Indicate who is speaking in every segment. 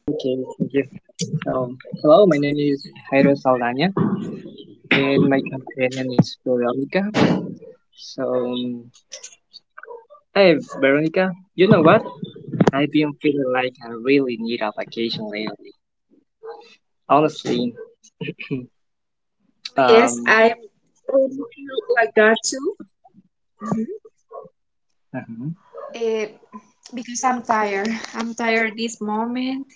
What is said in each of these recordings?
Speaker 1: Okay, thank you. So,
Speaker 2: Perdón.
Speaker 1: hello, my name is Jairo Saldana, and my companion is Veronica. So, hey, Veronica, you know what? I've been feeling like I really need a vacation lately. Honestly,
Speaker 2: Oh, yes,
Speaker 1: um,
Speaker 2: I really feel like that too. Mhm.
Speaker 1: uh-huh.
Speaker 2: Eh, because I'm tired. I'm tired this moment,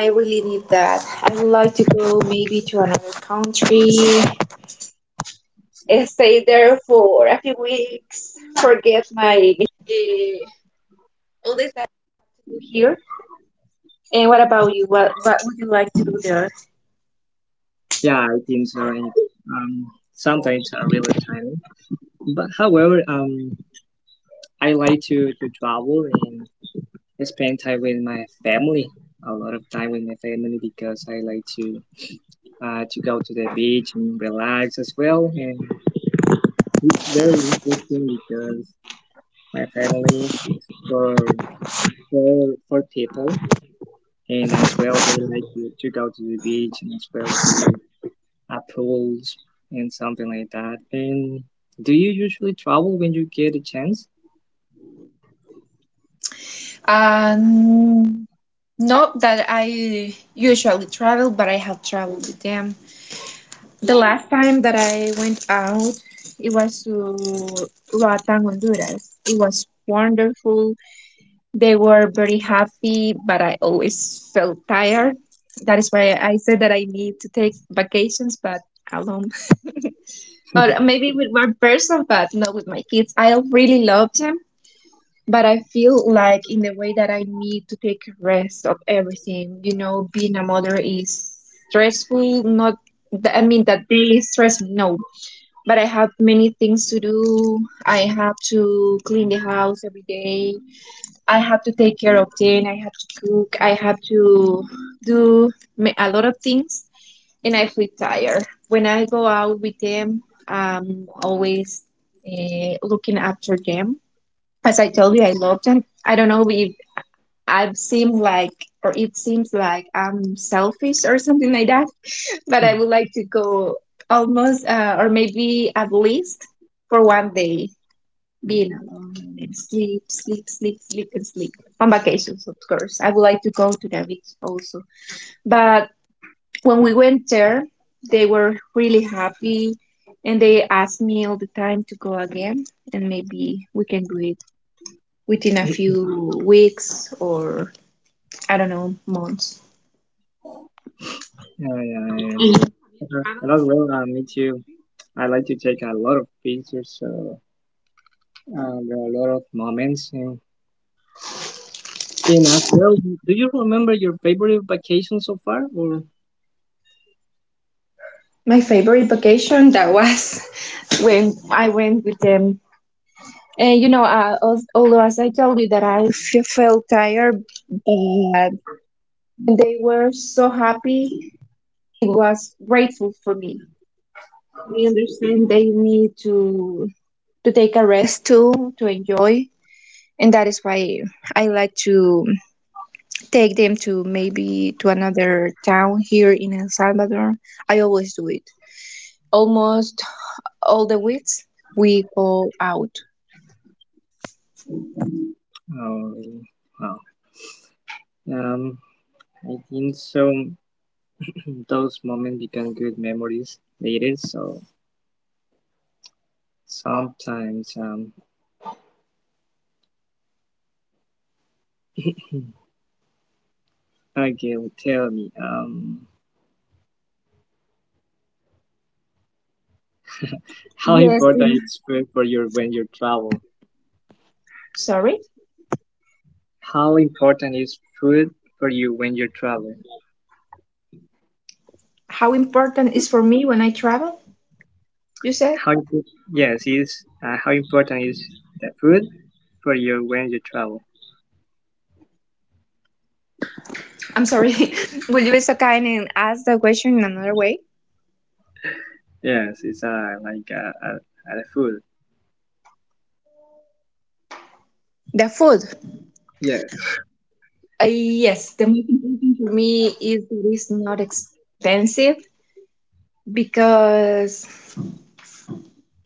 Speaker 2: and I really need that. I would like to go maybe to another country and stay there for a few weeks. Forget my all this stuff to do here. And what about you? What would you like to do there?
Speaker 1: Yeah, I think so. And, um, sometimes I really tired. But however, I like to travel and spend time with my family, a lot of time with my family because I like to go to the beach and relax as well. And it's very interesting because my family it's for four people, and as well they like to go to the beach and as well to pools and something like that. And do you usually travel when you get a chance?
Speaker 2: Um, Not that I usually travel, but I have traveled with them. The last time that I went out, it was to Roatan, Honduras. It was wonderful. They were very happy, but I always felt tired. That is why I said that I need to take vacations, but alone. Or maybe with one person, but not with my kids. I really love them, but I feel like in the way that I need to take rest of everything. Being a mother is stressful, not that I mean that they stress me. No, but I have many things to do. I have to clean the house every day. I have to take care of them. I have to cook. I have to do a lot of things, and I feel tired. When I go out with them, I'm always looking after them. As I told you, I love them. I don't know if I seem like or it seems like I'm selfish or something like that, but I would like to go almost or maybe at least for one day being alone and sleep, sleep, sleep, sleep, and sleep on vacations, of course. I would like to go to the beach also. But when we went there, they were really happy and they asked me all the time to go again, and maybe we can do it within a
Speaker 1: Oh
Speaker 2: few weeks or, I don't know, months.
Speaker 1: yeah, I see. Uh-huh. And as well, me too. I like to take a lot of pictures, so there are a lot of moments. And Jane asked, well, do you remember your favorite vacation so far? Or,
Speaker 2: My favorite vacation that was when I went with them. And you know, als- although as I told you that felt tired, but they were so happy. It was grateful for me. I understand they need to take a rest too, to enjoy, and that is why I like to take them to maybe to another town here in El Salvador. I always do it. Almost all the weeks we go out.
Speaker 1: oh, really? Wow. Um, I think so. Those moments become good memories later. So sometimes, again, tell me, how
Speaker 2: Yes, and
Speaker 1: important is food for you when you travel?
Speaker 2: sorry.
Speaker 1: How important is food for you when you travel?
Speaker 2: How important is for me when I travel? You said?
Speaker 1: How, impo- yes, how important is the food for you when you travel?
Speaker 2: I'm sorry. Will you be so kind and ask the question in another way?
Speaker 1: Yes, it's like the food.
Speaker 2: The food.
Speaker 1: Yes.
Speaker 2: Yes, the most important for me is that it's not expensive because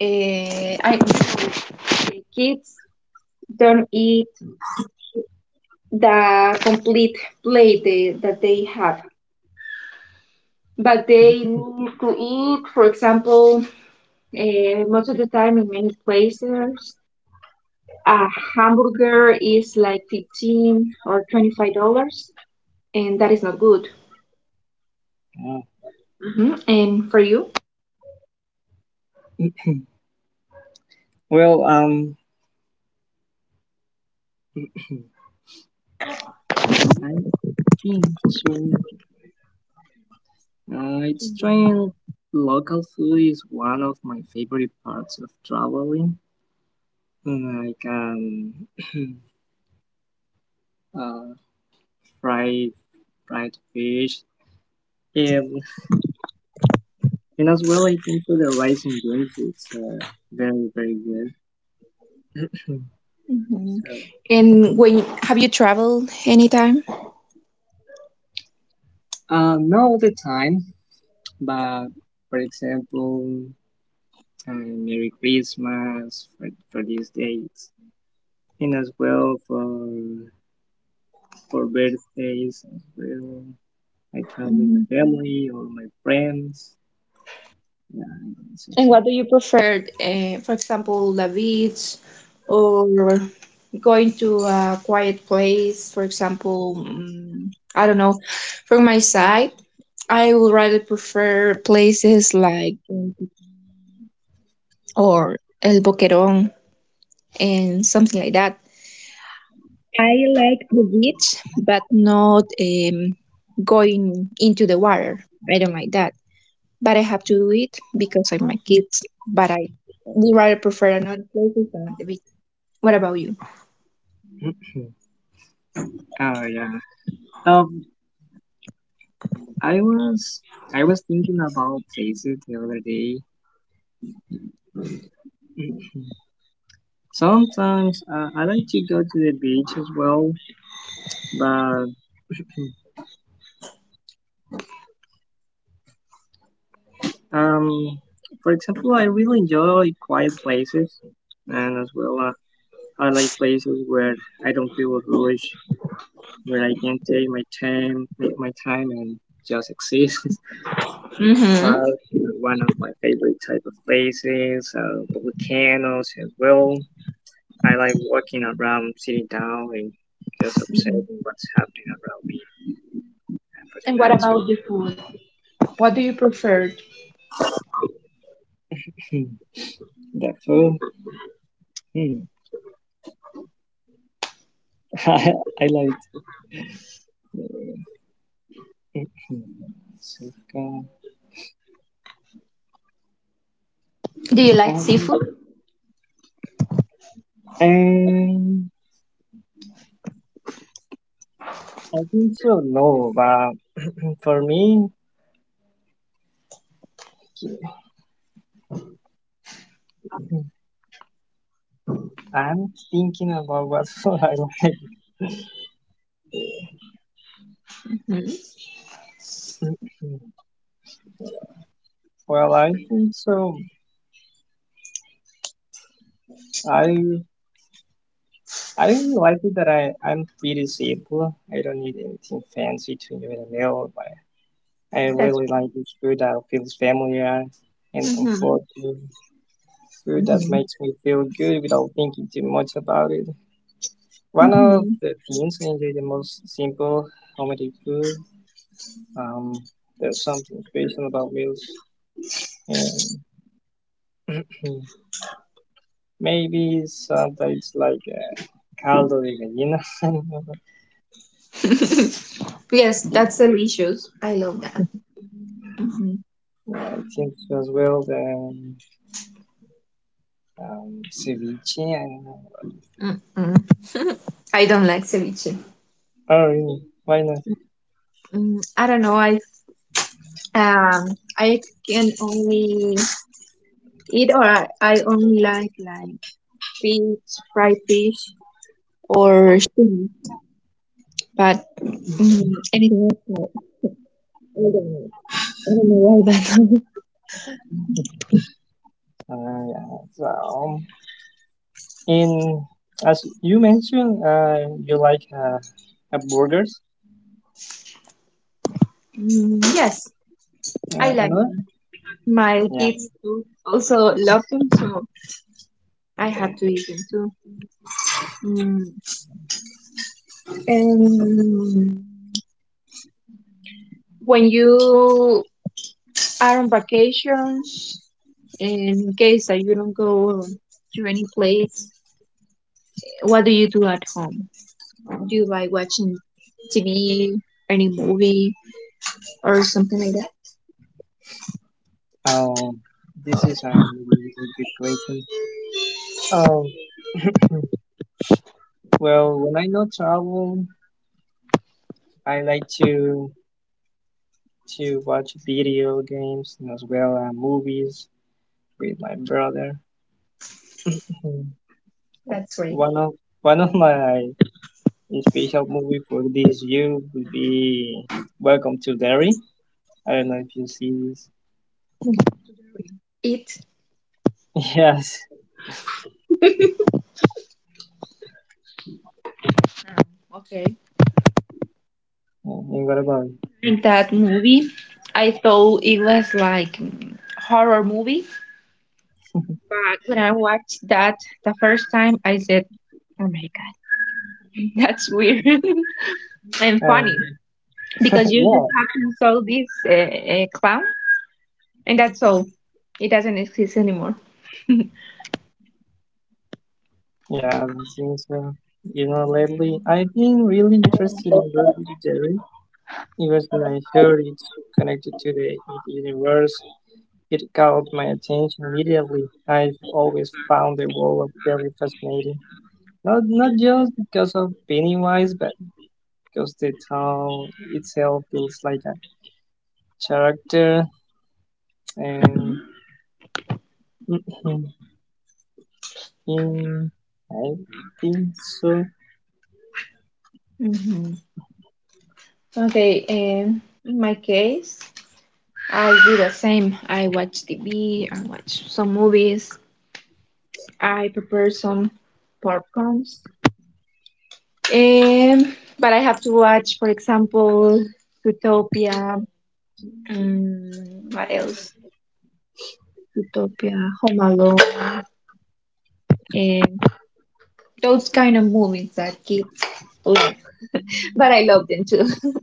Speaker 2: uh, I the kids don't eat the complete plate that they have. But they need to eat, for example, most of the time in many places, a hamburger is like 15 or $25, and that is not good.
Speaker 1: Uh,
Speaker 2: Hmm. And for you?
Speaker 1: well, I think so. It's trying local food is one of my favorite parts of traveling. Like uh, fried fried fish, and and as well, I think for the rice and beans, it's very good.
Speaker 2: Mhm.
Speaker 1: So,
Speaker 2: And when have you traveled anytime?
Speaker 1: not all the time, but for example, Merry Christmas for these days. And as well for birthdays as well. I travel with my
Speaker 2: Mhm.
Speaker 1: family or my friends. Yeah, I guess
Speaker 2: And
Speaker 1: that's it.
Speaker 2: what do you prefer? For example, the beach or going to a quiet place, for example, I don't know. From my side, I would rather prefer places like or El Boquerón and something like that. I like the beach, but not going into the water. I don't like that. But I have to do it because I'm my kids. But I would rather prefer another places than the beach. What about you?
Speaker 1: Oh yeah. Um, I was I was thinking about places the other day. Mhm. Sometimes I like to go to the beach as well, but um, for example, I really enjoy like, quiet places, and as well, I like places where I don't feel rushed where I can take my time and just exist.
Speaker 2: Hmm.
Speaker 1: Park, is one of my favorite type of places, volcanoes as well. I like walking around, sitting down and just observing what's happening around me and
Speaker 2: And what about the
Speaker 1: for
Speaker 2: food? What do you prefer?
Speaker 1: the nature. The food, hmm. I like uh, Mexico.
Speaker 2: Do you like
Speaker 1: Um,
Speaker 2: seafood?
Speaker 1: and I think so, no, but for me, I'm thinking about what I like.
Speaker 2: Hmm.
Speaker 1: Well, I think so. I I really like it that I'm pretty simple. I don't need anything fancy to enjoy a meal, but I
Speaker 2: That's,
Speaker 1: really like it food that feels familiar and
Speaker 2: hmm,
Speaker 1: comforting. Food that
Speaker 2: hmm,
Speaker 1: makes me feel good without thinking too much about it. One of
Speaker 2: hmm,
Speaker 1: the things I enjoy the most simple homemade food. Um, there's something special about meals and maybe sometimes like caldo de gallina. I don't know.
Speaker 2: yes, that's delicious. I love that. Hmm.
Speaker 1: Yeah, I think so as well. The ceviche. I don't know.
Speaker 2: Mm-mm. I don't like ceviche.
Speaker 1: Oh, really? Why not?
Speaker 2: I don't know. Um, I can only eat, or I only like fish, fried fish or shrimp, but anything else, no. I don't know. I don't know why, but
Speaker 1: Yeah. So, in as you mentioned, you like burgers.
Speaker 2: yes, I like
Speaker 1: Another?
Speaker 2: them. My
Speaker 1: Yeah.
Speaker 2: kids too also love them, so I have to eat them too. Mm. And when you are on vacation, in case that you don't go to any place, what do you do at home? Do you like watching TV, any movie, or something like that?
Speaker 1: Um, this is a really good question. Um, well, when I not travel, I like to watch video games and as well movies. With my brother. Mhm.
Speaker 2: That's right.
Speaker 1: One of one of my special movie for this year would be Welcome to Derry. I don't know if you see this.
Speaker 2: It.
Speaker 1: Yes.
Speaker 2: Oh, okay.
Speaker 1: Yeah, and what about it?
Speaker 2: Like that movie, I thought it was like horror movie, but when I watched that the first time, I said, "Oh my god, that's weird and funny,"
Speaker 1: Um,
Speaker 2: because you
Speaker 1: yeah,
Speaker 2: just have to saw this clown, and that's all. It doesn't exist anymore.
Speaker 1: yeah, I think so. You know, lately I've been really interested in Welcome to Derry. Even when I heard it's so connected to the ED universe, it caught my attention immediately. I've always found the world of Derry fascinating. Not just because of Pennywise, but because the town itself feels like a character, and in I think so.
Speaker 2: Hmm. Okay, and in my case, I do the same. I watch TV, I watch some movies, I prepare some popcorns. Um, but I have to watch, for example, Utopia. Um, what else? Utopia, Home Alone, and those kind of movies that kids love. But I love them too.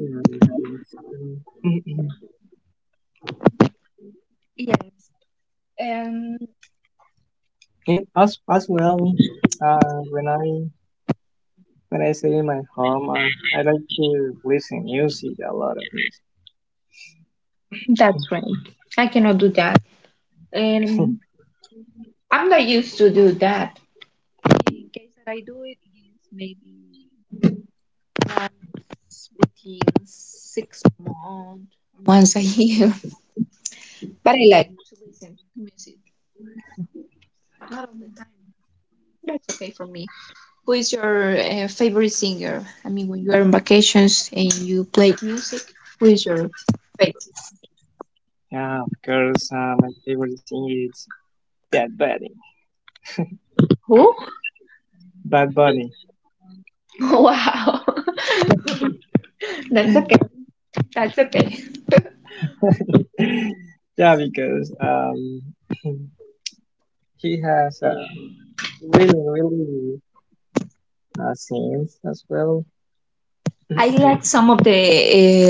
Speaker 1: Yeah, I think so.
Speaker 2: Yes. Um,
Speaker 1: And as well, uh, when I when I stay in my home, I like to listen music, a lot of music.
Speaker 2: that's right. I cannot do that. Um, I'm not used to do that. In case that I do it is maybe once within 6 months, once a year. But I like to listen to music, some- not all the time. That's okay for me. Who is your favorite singer? I mean, when you are on vacations and you play music, who is your favorite?
Speaker 1: Yeah, of course, my favorite singer is Bad Bunny.
Speaker 2: Who?
Speaker 1: Bad Bunny.
Speaker 2: Wow, that's okay. That's okay.
Speaker 1: Yeah, because he has really, really scenes as well. Yeah,
Speaker 2: I like some of the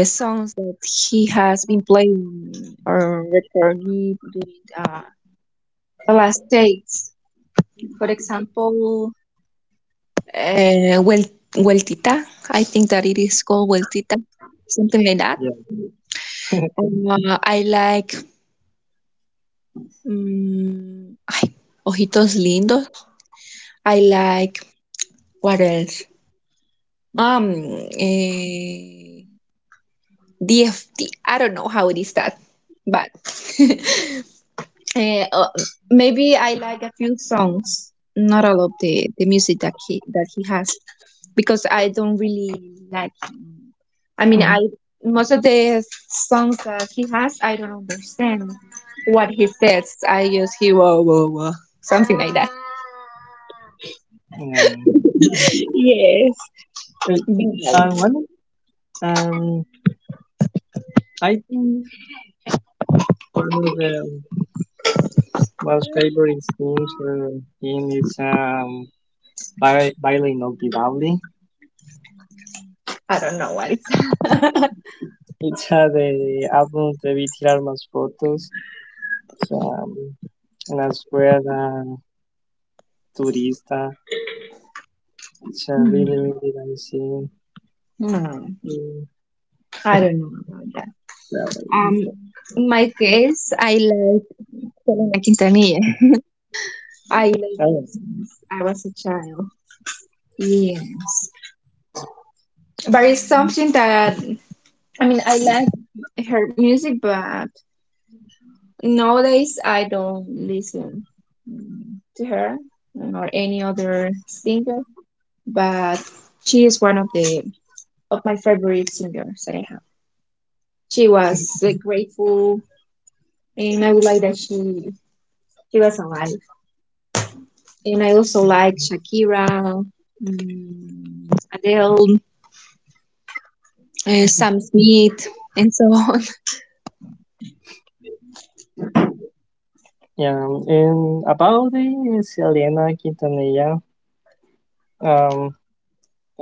Speaker 2: songs that he has been playing or recording during the last days. For example, uh, Wel- Weltita. I think that it is called Weltita, something like that. I like ay, Ojitos Lindos. I like what else? Um, eh, DFT. I don't know how it is that, but. Eh, uh, Maybe I like a few songs, not all of the music that he has, because I don't really like him. I mean, I most of the songs that he has, I don't understand what he says. I just hear whoa whoa whoa, something like that.
Speaker 1: yeah.
Speaker 2: Yes,
Speaker 1: Uh,
Speaker 2: but
Speaker 1: one um, I think one of the most favorite scenes in is Baila Inolvidable.
Speaker 2: I don't know what it's.
Speaker 1: It's the álbum de Tirar Más Fotos. It's, um, and as well, Turista. It's a really,
Speaker 2: Hmm.
Speaker 1: really nice scene.
Speaker 2: Hmm.
Speaker 1: Mm,
Speaker 2: I don't know about that.
Speaker 1: well,
Speaker 2: Um,
Speaker 1: it's,
Speaker 2: in my case, I like Selena Quintanilla. I like
Speaker 1: oh,
Speaker 2: his songs. I was a child. Yes. But it's something that, I mean, I like her music, but nowadays I don't listen to her or any other singer, but she is one of the of my favorite singers that I have. She was grateful, and I would like that she was alive. And I also like Shakira, Adele, Sam Smith, and so on.
Speaker 1: yeah. And about the Selena Quintanilla, um,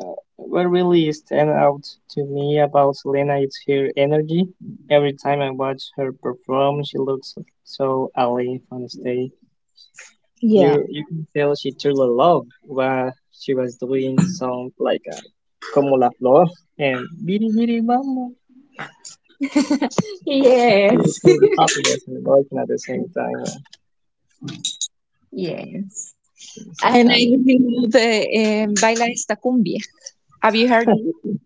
Speaker 1: uh, what really stand out to me about Selena is her energy. Every time I watch her perform, she looks so alive on stage.
Speaker 2: Yeah.
Speaker 1: You can tell she truly loved what she was doing. Sound like a como la flor and biri biri mama. She was
Speaker 2: Yes.
Speaker 1: full of happiness and emotion at the same time.
Speaker 2: Yes.
Speaker 1: It's a
Speaker 2: And I
Speaker 1: kind of.
Speaker 2: really love the Baila esta cumbia. Have you heard of it?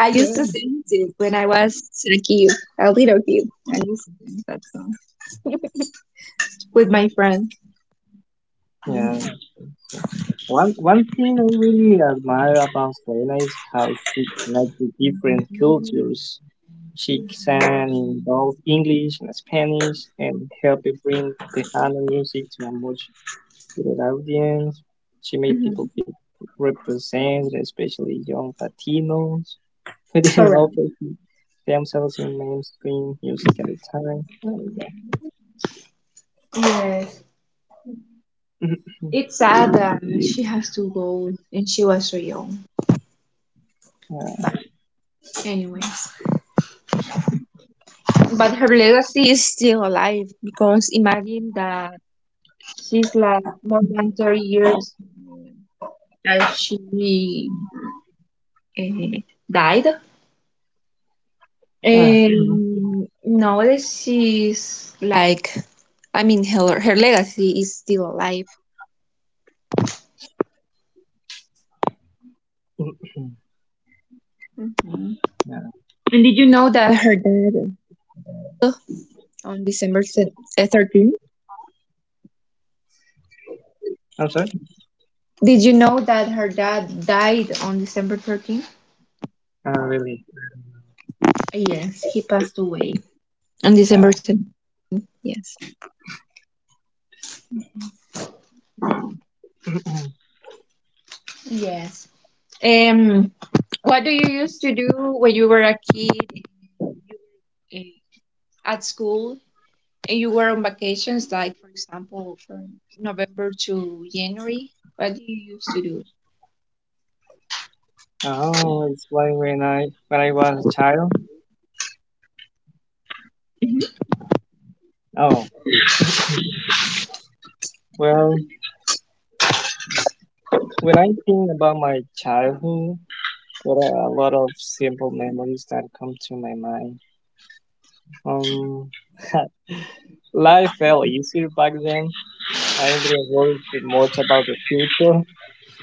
Speaker 2: I used to dance it when I was a kid, a little kid. I used to dance that song with my friend.
Speaker 1: Yeah.
Speaker 2: Hmm.
Speaker 1: So one thing I really admire about Selena is how she connects the different cultures. She sang in both English and Spanish and helped bring Tejano music to a much bigger audience. She made
Speaker 2: Hmm.
Speaker 1: people feel represented, especially young Latinos who didn't
Speaker 2: Correct.
Speaker 1: often see themselves in mainstream music at the time. And,
Speaker 2: Yes.
Speaker 1: uh,
Speaker 2: It's sad that she has to go and she was so young.
Speaker 1: yeah.
Speaker 2: But anyways. But her legacy is still alive because imagine that she's like more than 30 years that she uh, died. And nowadays she's like, I mean, her legacy is still alive.
Speaker 1: Yeah.
Speaker 2: And did you know that her dad on December 13th?
Speaker 1: I'm sorry.
Speaker 2: Did you know that her dad died on December 13th?
Speaker 1: Oh, really?
Speaker 2: Yes, he passed away. On
Speaker 1: Yeah.
Speaker 2: December 10, yes. Yes. Um, what do you used to do when you were a kid and you were, at school? And you were on vacations, like, for example, from November to January. What do you used to do?
Speaker 1: Oh, it's why when I was a child. Oh, well, when I think about my childhood, there are a lot of simple memories that come to my mind. Um, life felt easier back then. I didn't worry too much about the future.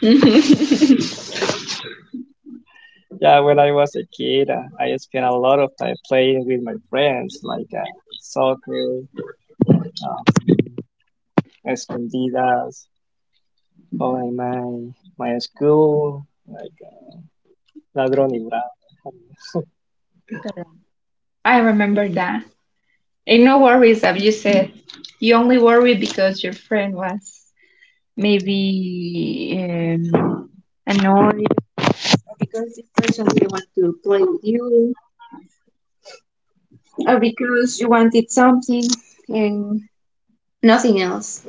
Speaker 2: Mhm.
Speaker 1: Yeah, when I was a kid, I spent a lot of time playing with my friends, like soccer, um, escondidas, boy, my school like ladrón y bravo.
Speaker 2: Correct. I remember that. And no worries that you said. You only worry because your friend was maybe annoyed, or because this person didn't want to play with you, or because you wanted something and nothing else.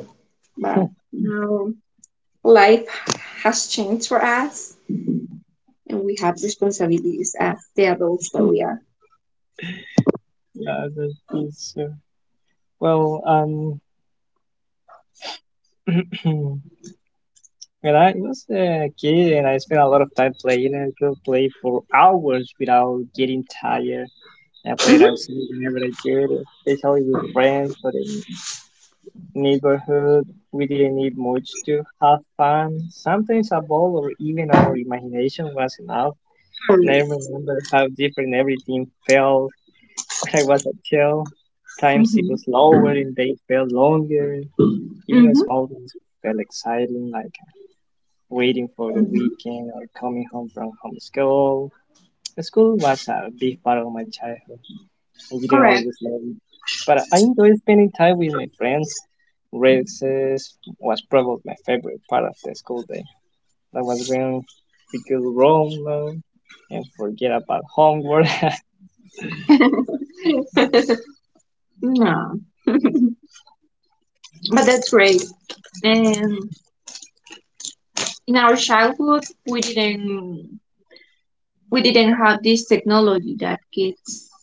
Speaker 2: But now life has changed for us, and we have responsibilities as the adults that we are.
Speaker 1: Yeah, the teacher. Well, when I was a kid and I spent a lot of time playing, I could play for hours without getting tired. I played
Speaker 2: Mhm.
Speaker 1: outside whenever I could, especially with friends or in neighborhood. We didn't need much to have fun. Sometimes a ball or even our imagination was enough. And I
Speaker 2: Already.
Speaker 1: remember how different everything felt. When I was at jail, time seemed
Speaker 2: Mhm.
Speaker 1: slower and they felt longer. Even the
Speaker 2: Mhm.
Speaker 1: small things felt exciting, like waiting for the
Speaker 2: Mhm.
Speaker 1: weekend or coming home from home school. School was a big part of my childhood. I didn't
Speaker 2: Correct.
Speaker 1: always love it, but I enjoyed spending time with my friends. Recess was probably my favorite part of the school day. That was when we could roam alone and forget about homework.
Speaker 2: No, but that's great. And in our childhood, we didn't have this technology that kids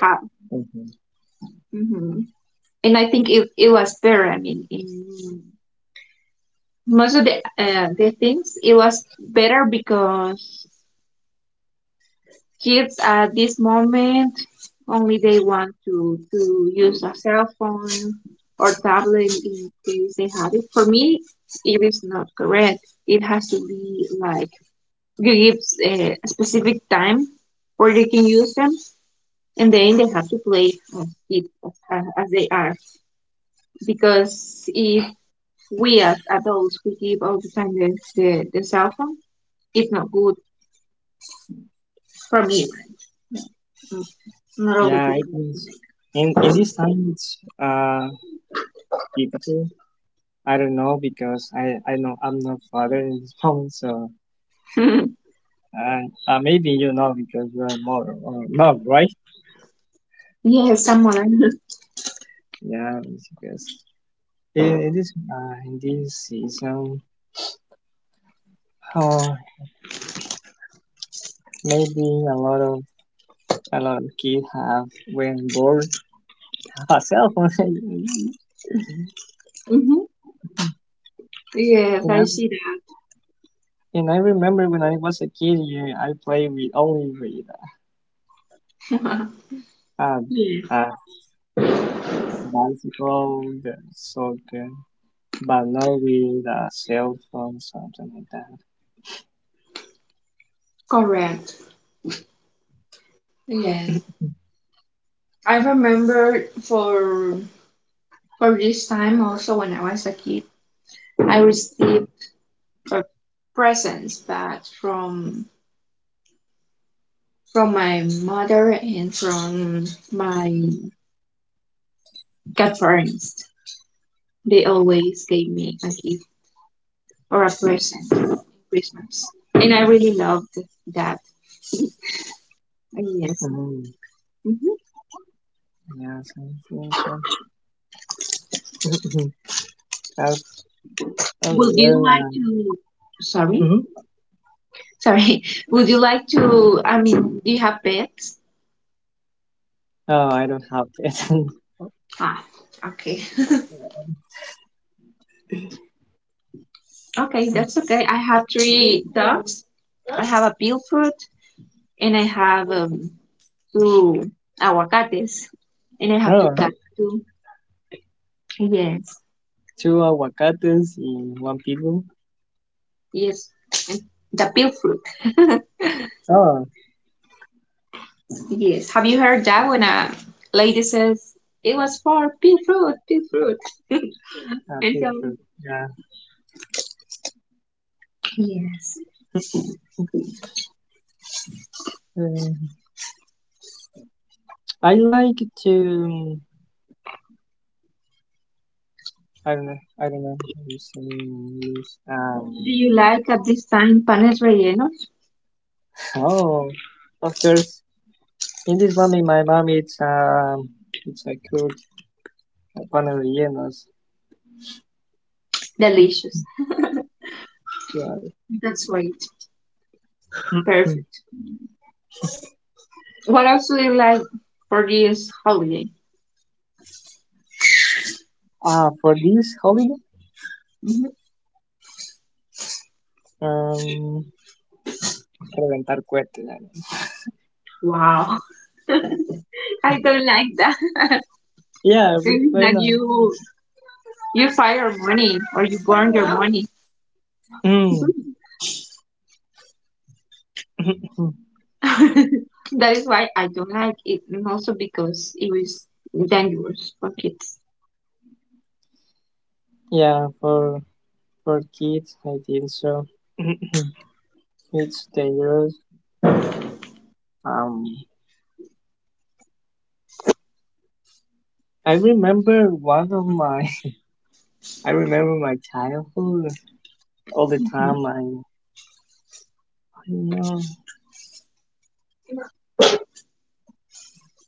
Speaker 2: have,
Speaker 1: Mhm.
Speaker 2: hmm and I think it was better. I mean, in most of the things, it was better because kids at this moment only they want to use a cell phone or tablet in case they have it. For me, it is not correct. It has to be like you give a specific time where they can use them, and then they have to play as it as they are. Because if we as adults we give all the time the cell phone, it's not good for me. Right? Not all the
Speaker 1: Yeah, I
Speaker 2: people.
Speaker 1: think in this time it's difficult. I don't know because I know I'm not father in this moment, so uh, maybe you know because you are mother or not, right?
Speaker 2: Yes, someone.
Speaker 1: Yeah, because in this season, oh maybe a lot of kids have when bored have a cell phone.
Speaker 2: Hmm. Yes,
Speaker 1: and I
Speaker 2: I see
Speaker 1: and I remember when I was a kid, yeah, I played with only with
Speaker 2: that.
Speaker 1: um
Speaker 2: Yeah,
Speaker 1: uh bicycle, the soccer. But not with a cell phone, something like that.
Speaker 2: correct. Yes, I remember for this time also when I was a kid, I received uh, presents. But from my mother and from my godparents. They always gave me a gift or a present for Christmas, and I really loved that. Yes.
Speaker 1: Mm-hmm.
Speaker 2: Hmm.
Speaker 1: Yes, I think so. As as
Speaker 2: Would
Speaker 1: well,
Speaker 2: you like to? Sorry.
Speaker 1: hmm
Speaker 2: Sorry, would you like to? I mean, do you have pets?
Speaker 1: oh, I don't have it.
Speaker 2: Ah, okay. Okay, that's okay. I have three dogs. I have a peel fruit, and I have two aguacates, and I have two
Speaker 1: Oh,
Speaker 2: cats too. Yes,
Speaker 1: two aguacates in one people.
Speaker 2: yes. And the peel fruit.
Speaker 1: Oh,
Speaker 2: Yes. Have you heard that when a lady says it was for Bigfoot, fruit, peel fruit?
Speaker 1: a
Speaker 2: And so,
Speaker 1: pitbull. Yeah.
Speaker 2: yes.
Speaker 1: Um, I like to. I don't know. I don't know how you say in English.
Speaker 2: Do you like at this time panes rellenos?
Speaker 1: Oh, of course. In this moment, my mom it's a cook pan rellenos.
Speaker 2: Delicious.
Speaker 1: Yeah.
Speaker 2: That's right.
Speaker 1: hmm
Speaker 2: Perfect. What else do you like for this holiday?
Speaker 1: Ah, for this holiday?
Speaker 2: Mhm.
Speaker 1: Um, reventar cohetes. I guess.
Speaker 2: Wow. I don't like that.
Speaker 1: Yeah,
Speaker 2: It's
Speaker 1: why
Speaker 2: like
Speaker 1: not?
Speaker 2: you fire money or you burn your money.
Speaker 1: Mm.
Speaker 2: That is why I don't like it, and also because it was dangerous for kids.
Speaker 1: Yeah, for kids, I think so. It's dangerous. Um, I remember one of my. I remember my childhood all the
Speaker 2: Mhm.
Speaker 1: time. I don't know.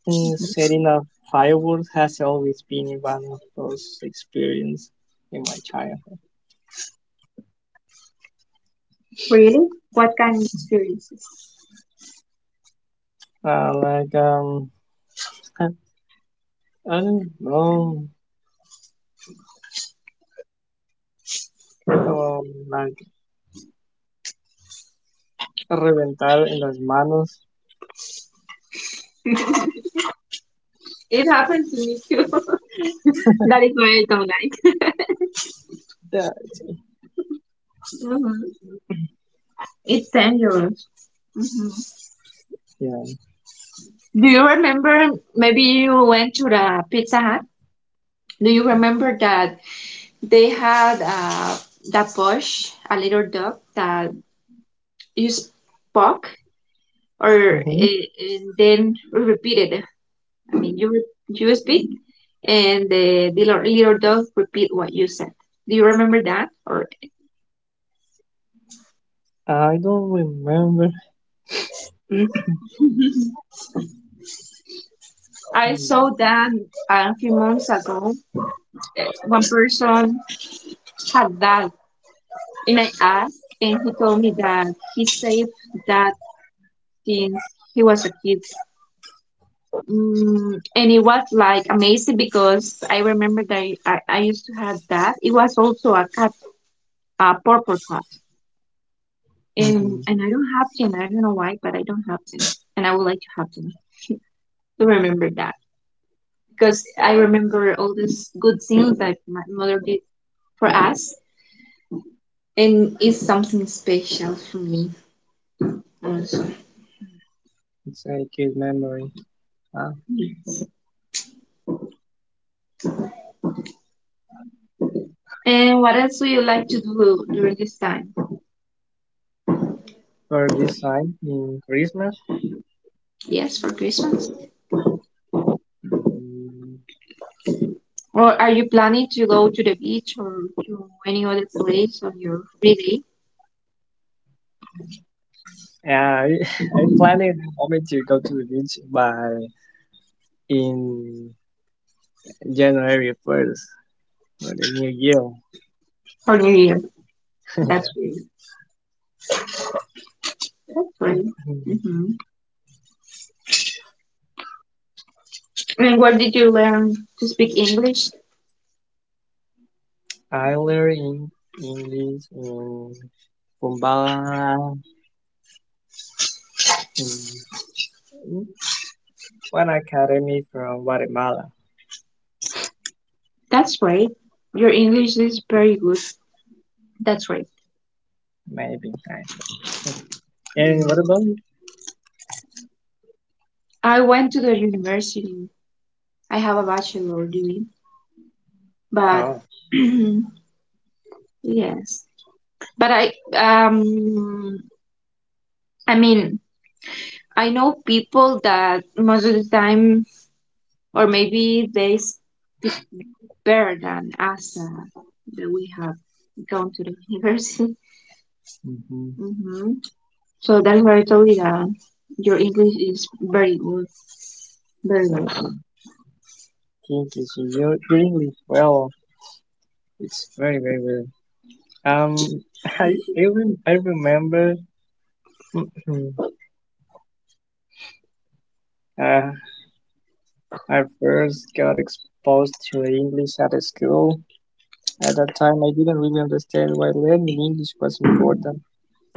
Speaker 1: Setting up fireworks has always been one of those experience in my childhood.
Speaker 2: Really? What kind of experiences?
Speaker 1: Like I, I don't know. Como like reventar en las manos.
Speaker 2: It happened to me too. That is why I don't like.
Speaker 1: That's it.
Speaker 2: Mhm. It's dangerous. Mhm.
Speaker 1: Yeah.
Speaker 2: Do you remember? Maybe you went to the Pizza Hut. Do you remember that they had that Bosch, a little dog that you spoke or
Speaker 1: hmm
Speaker 2: and then repeated? I mean, you speak and the little dog repeat what you said. Do you remember that? Or
Speaker 1: I don't remember.
Speaker 2: I saw
Speaker 1: But,
Speaker 2: that a few months ago. One person had that, and I asked, and he told me that he saved that since he was a kid. Mm, and it was like amazing because I remember that I used to have that. It was also a cat, a purple cat. And,
Speaker 1: hmm
Speaker 2: and I don't have them. I don't know why, but I don't have them. And I would like to have them to remember that because I remember all these good things that my mother did for us. And it's something special for me also.
Speaker 1: it's a cute memory. Ah,
Speaker 2: Yes. And what else do you like to do during this time?
Speaker 1: for this time, Christmas.
Speaker 2: Yes, for Christmas.
Speaker 1: Mm,
Speaker 2: Or are you planning to go to the beach or to any other place on your free day
Speaker 1: yeah, I'm planning only to go to the beach by in January 1st for the new year.
Speaker 2: for New Year?
Speaker 1: Yeah.
Speaker 2: That's really, that's great.
Speaker 1: Mm.
Speaker 2: Hmm. And where did you learn to speak English?
Speaker 1: I learned in English in Kumbala in One academy from Guatemala,
Speaker 2: That's great. Your English is very good. That's right.
Speaker 1: maybe. I think. And
Speaker 2: Yeah.
Speaker 1: what about you?
Speaker 2: I went to the university. I have a bachelor degree, but
Speaker 1: Oh,
Speaker 2: yes, but I mean I know people that most of the time, or maybe they speak better than us, that we have gone to the university.
Speaker 1: mm-hmm.
Speaker 2: Hmm. So that's why I told you that your English is very good, very good.
Speaker 1: um, think is your English. Well, it's very well. I remember uh, I first got exposed to English at a school. At that time, I didn't really understand why learning English was important.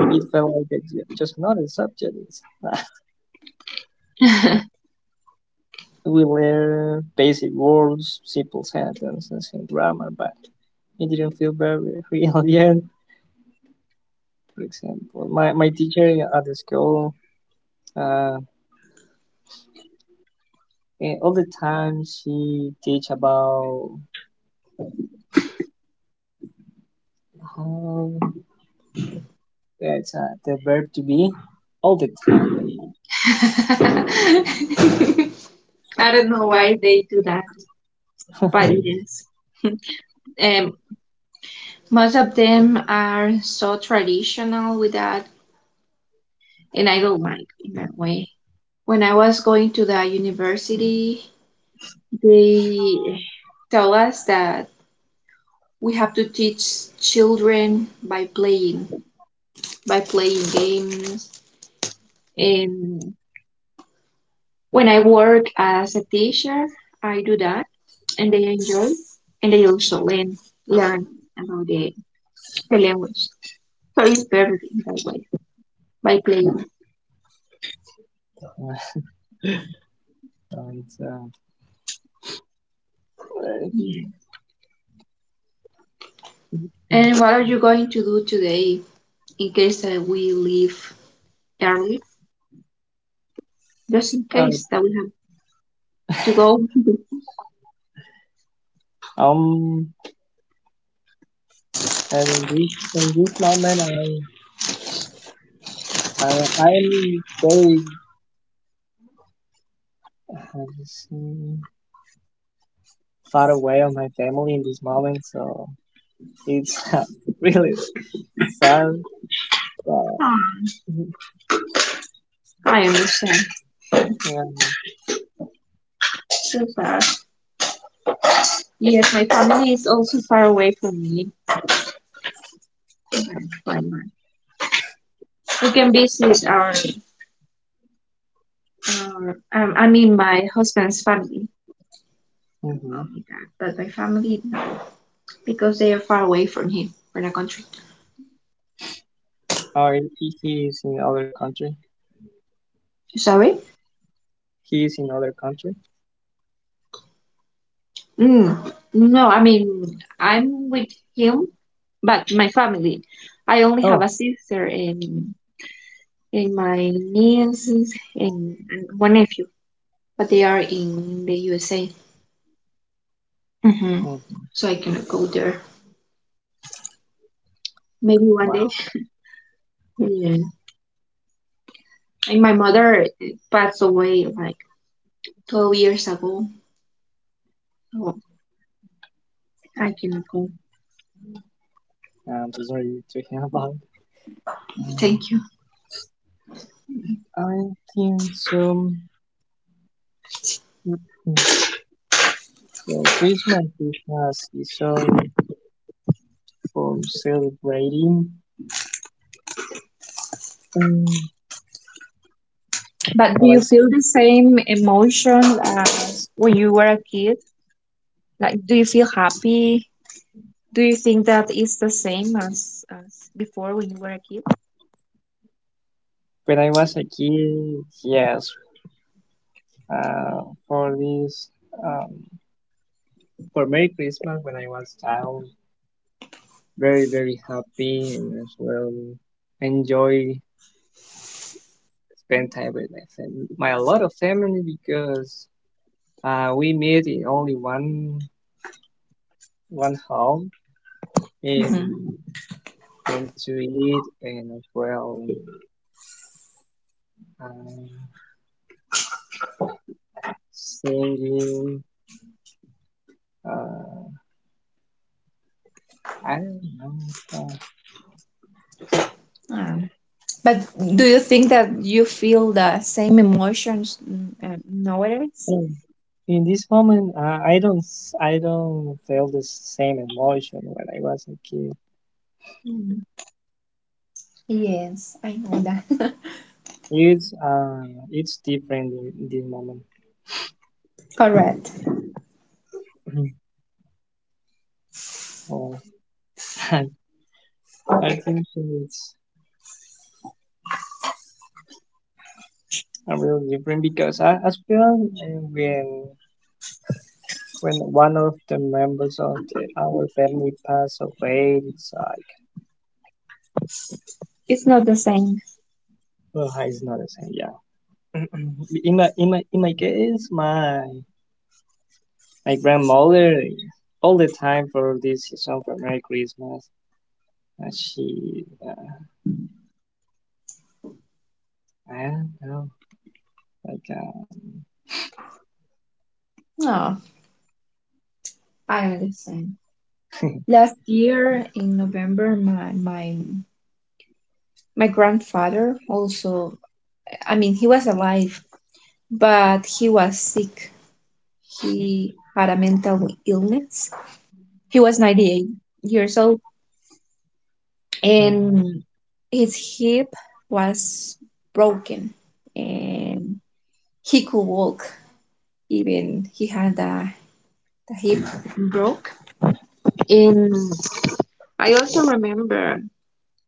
Speaker 1: It felt like just another subject. We learned basic words, simple sentences, and grammar, but it didn't feel very real yet. For example, my teacher at the school, uh, all the time she teach about how it's the verb to be all the time.
Speaker 2: I don't know why they do that, but it is. Um, Most of them are so traditional with that, and I don't like in that way. When I was going to the university, they tell us that we have to teach children by playing games, and when I work as a teacher, I do that, and they enjoy, and they also learn about the language, so it's perfect in that way, by playing,
Speaker 1: and, uh,
Speaker 2: yeah. And what are you going to do today, in case that we leave early, just in
Speaker 1: uh,
Speaker 2: case that we have to go?
Speaker 1: um, and in this moment, I, I, I'm very, how do you say? Far away of my family in this moment, so it's really sad. But
Speaker 2: Ah, I understand
Speaker 1: yeah,
Speaker 2: so far, yes, my family is also far away from me. We can visit our I mean, my husband's family.
Speaker 1: hmm
Speaker 2: Um, but my family no, because they are far away from him, from the country.
Speaker 1: or he is in other country.
Speaker 2: Sorry?
Speaker 1: He is in other country.
Speaker 2: Mm, no, I mean, I'm with him, but my family. I only have
Speaker 1: Oh,
Speaker 2: a sister, and my nieces, and one nephew, but they are in the USA. Hmm.
Speaker 1: mhm.
Speaker 2: So I cannot go there. Maybe one day.
Speaker 1: Wow.
Speaker 2: Yeah. Like my mother passed away like 12 years ago. So I cannot go.
Speaker 1: Yeah, I'm so sorry to hear about. Um,
Speaker 2: Thank you.
Speaker 1: I think so. Mhm. Well, Christmas it has its own for celebrating. Um,
Speaker 2: But do
Speaker 1: well,
Speaker 2: you
Speaker 1: I
Speaker 2: feel
Speaker 1: think
Speaker 2: the same emotion as when you were a kid? Like, do you feel happy? Do you think that it's the same as before when you were a kid?
Speaker 1: when I was a kid, yes. Uh, for this. Um, for Merry Christmas when I was child, very happy and as well enjoy spend time with my family, my a lot of family because we meet in only one home
Speaker 2: Mhm.
Speaker 1: and and to eat and as well uh, singing. Uh, I don't know. It's,
Speaker 2: Um, but do you think that you feel the same emotions nowadays?
Speaker 1: mm. In this moment, I don't feel the same emotion when I was a kid.
Speaker 2: Mm. Yes, I know that.
Speaker 1: It's uh, it's different in this moment.
Speaker 2: Correct.
Speaker 1: Mhm. Oh, I I think it's a real different because I, as well when one of the members of our family pass away, it's like
Speaker 2: It's not the same.
Speaker 1: oh, it's not the same. Yeah, in my case, my grandmother all the time for this season for Merry Christmas. She I don't know like
Speaker 2: No, I understand. Last year in November, my grandfather also, I mean, he was alive, but he was sick. He had a mental illness. He was 98 years old,
Speaker 1: mhm.
Speaker 2: and his hip was broken, and he could walk. Even he had a, the hip broke. And I also remember,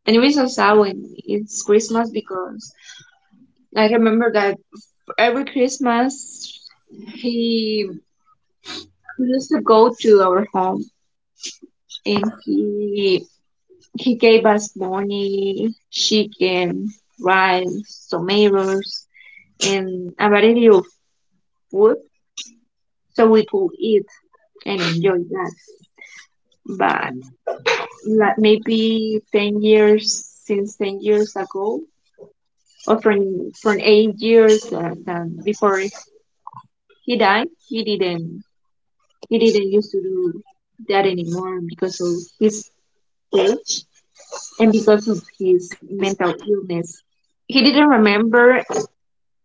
Speaker 2: and it was so sad when it's Christmas, because I remember that every Christmas, he used to go to our home, and he gave us money, chicken, rice, tomatoes, and a variety of food so we could eat and enjoy that. But like maybe ten years since ten years ago, or from 8 years than before he died, he didn't used to do that anymore because of his age, and because of his mental illness he didn't remember.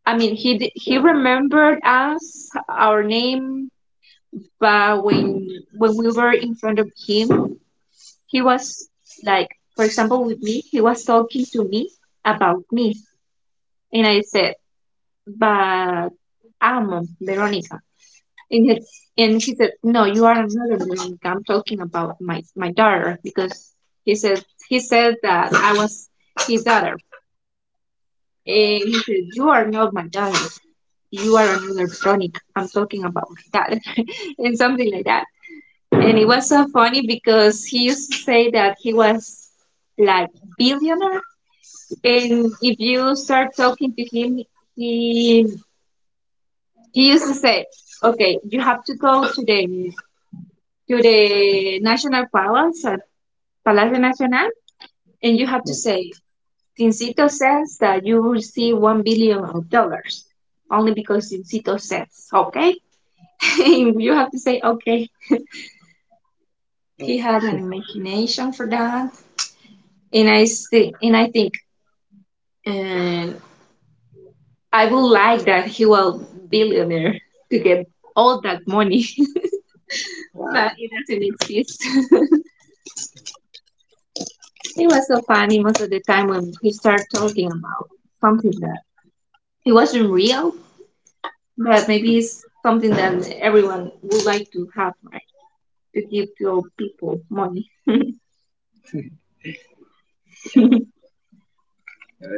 Speaker 2: I mean, he remembered us, our name, but when we were in front of him, he was like, for example, with me, he was talking to me about me, and I said, but I'm Veronica. And he, and he said, no, you are another Veronica. I'm talking about my, my daughter. Because he said, he said that I was his daughter. And he said, you are not my dad, you are another Sonic. I'm talking about my dad. And something like that. And it was so funny, because he used to say that he was like billionaire. And if you start talking to him, he he used to say, okay, you have to go to the, to the National Palace, Palacio Nacional, and you have to say Sincito says that you will see 1 billion of dollars, only because Sincito says, okay? You have to say okay. He had an imagination for that, and and I would like that he was billionaire to get all that money, but it doesn't exist. It was so funny most of the time when he started talking about something that it wasn't real, but maybe it's something that everyone would like to have, right? To give your people money.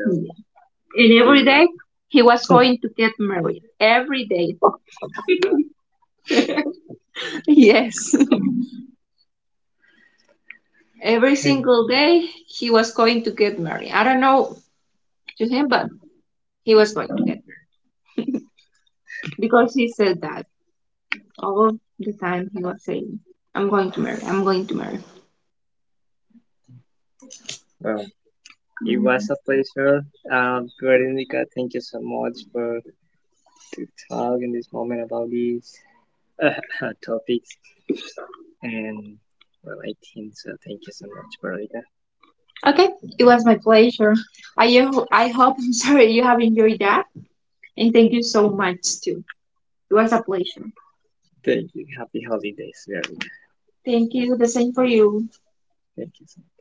Speaker 2: Yeah. And
Speaker 1: It
Speaker 2: every
Speaker 1: was
Speaker 2: day he was going to get married. Every day. Yes. Every
Speaker 1: okay.
Speaker 2: single day he was going to get married. I don't know to him, but he was going to get married. Because he said that all the time, he was saying, I'm going to marry, I'm going to marry.
Speaker 1: Well, it was
Speaker 2: Mm.
Speaker 1: a pleasure. Veronica, thank you so much for to talk in this moment about these uh, topics. And well, I think so. Thank you so much, Veronica.
Speaker 2: Okay, it was my pleasure. I hope, I'm sorry, you have enjoyed that. And thank you so much too. It was a pleasure.
Speaker 1: Thank you. Happy holidays, Veronica.
Speaker 2: Thank you. The same for you.
Speaker 1: Thank you so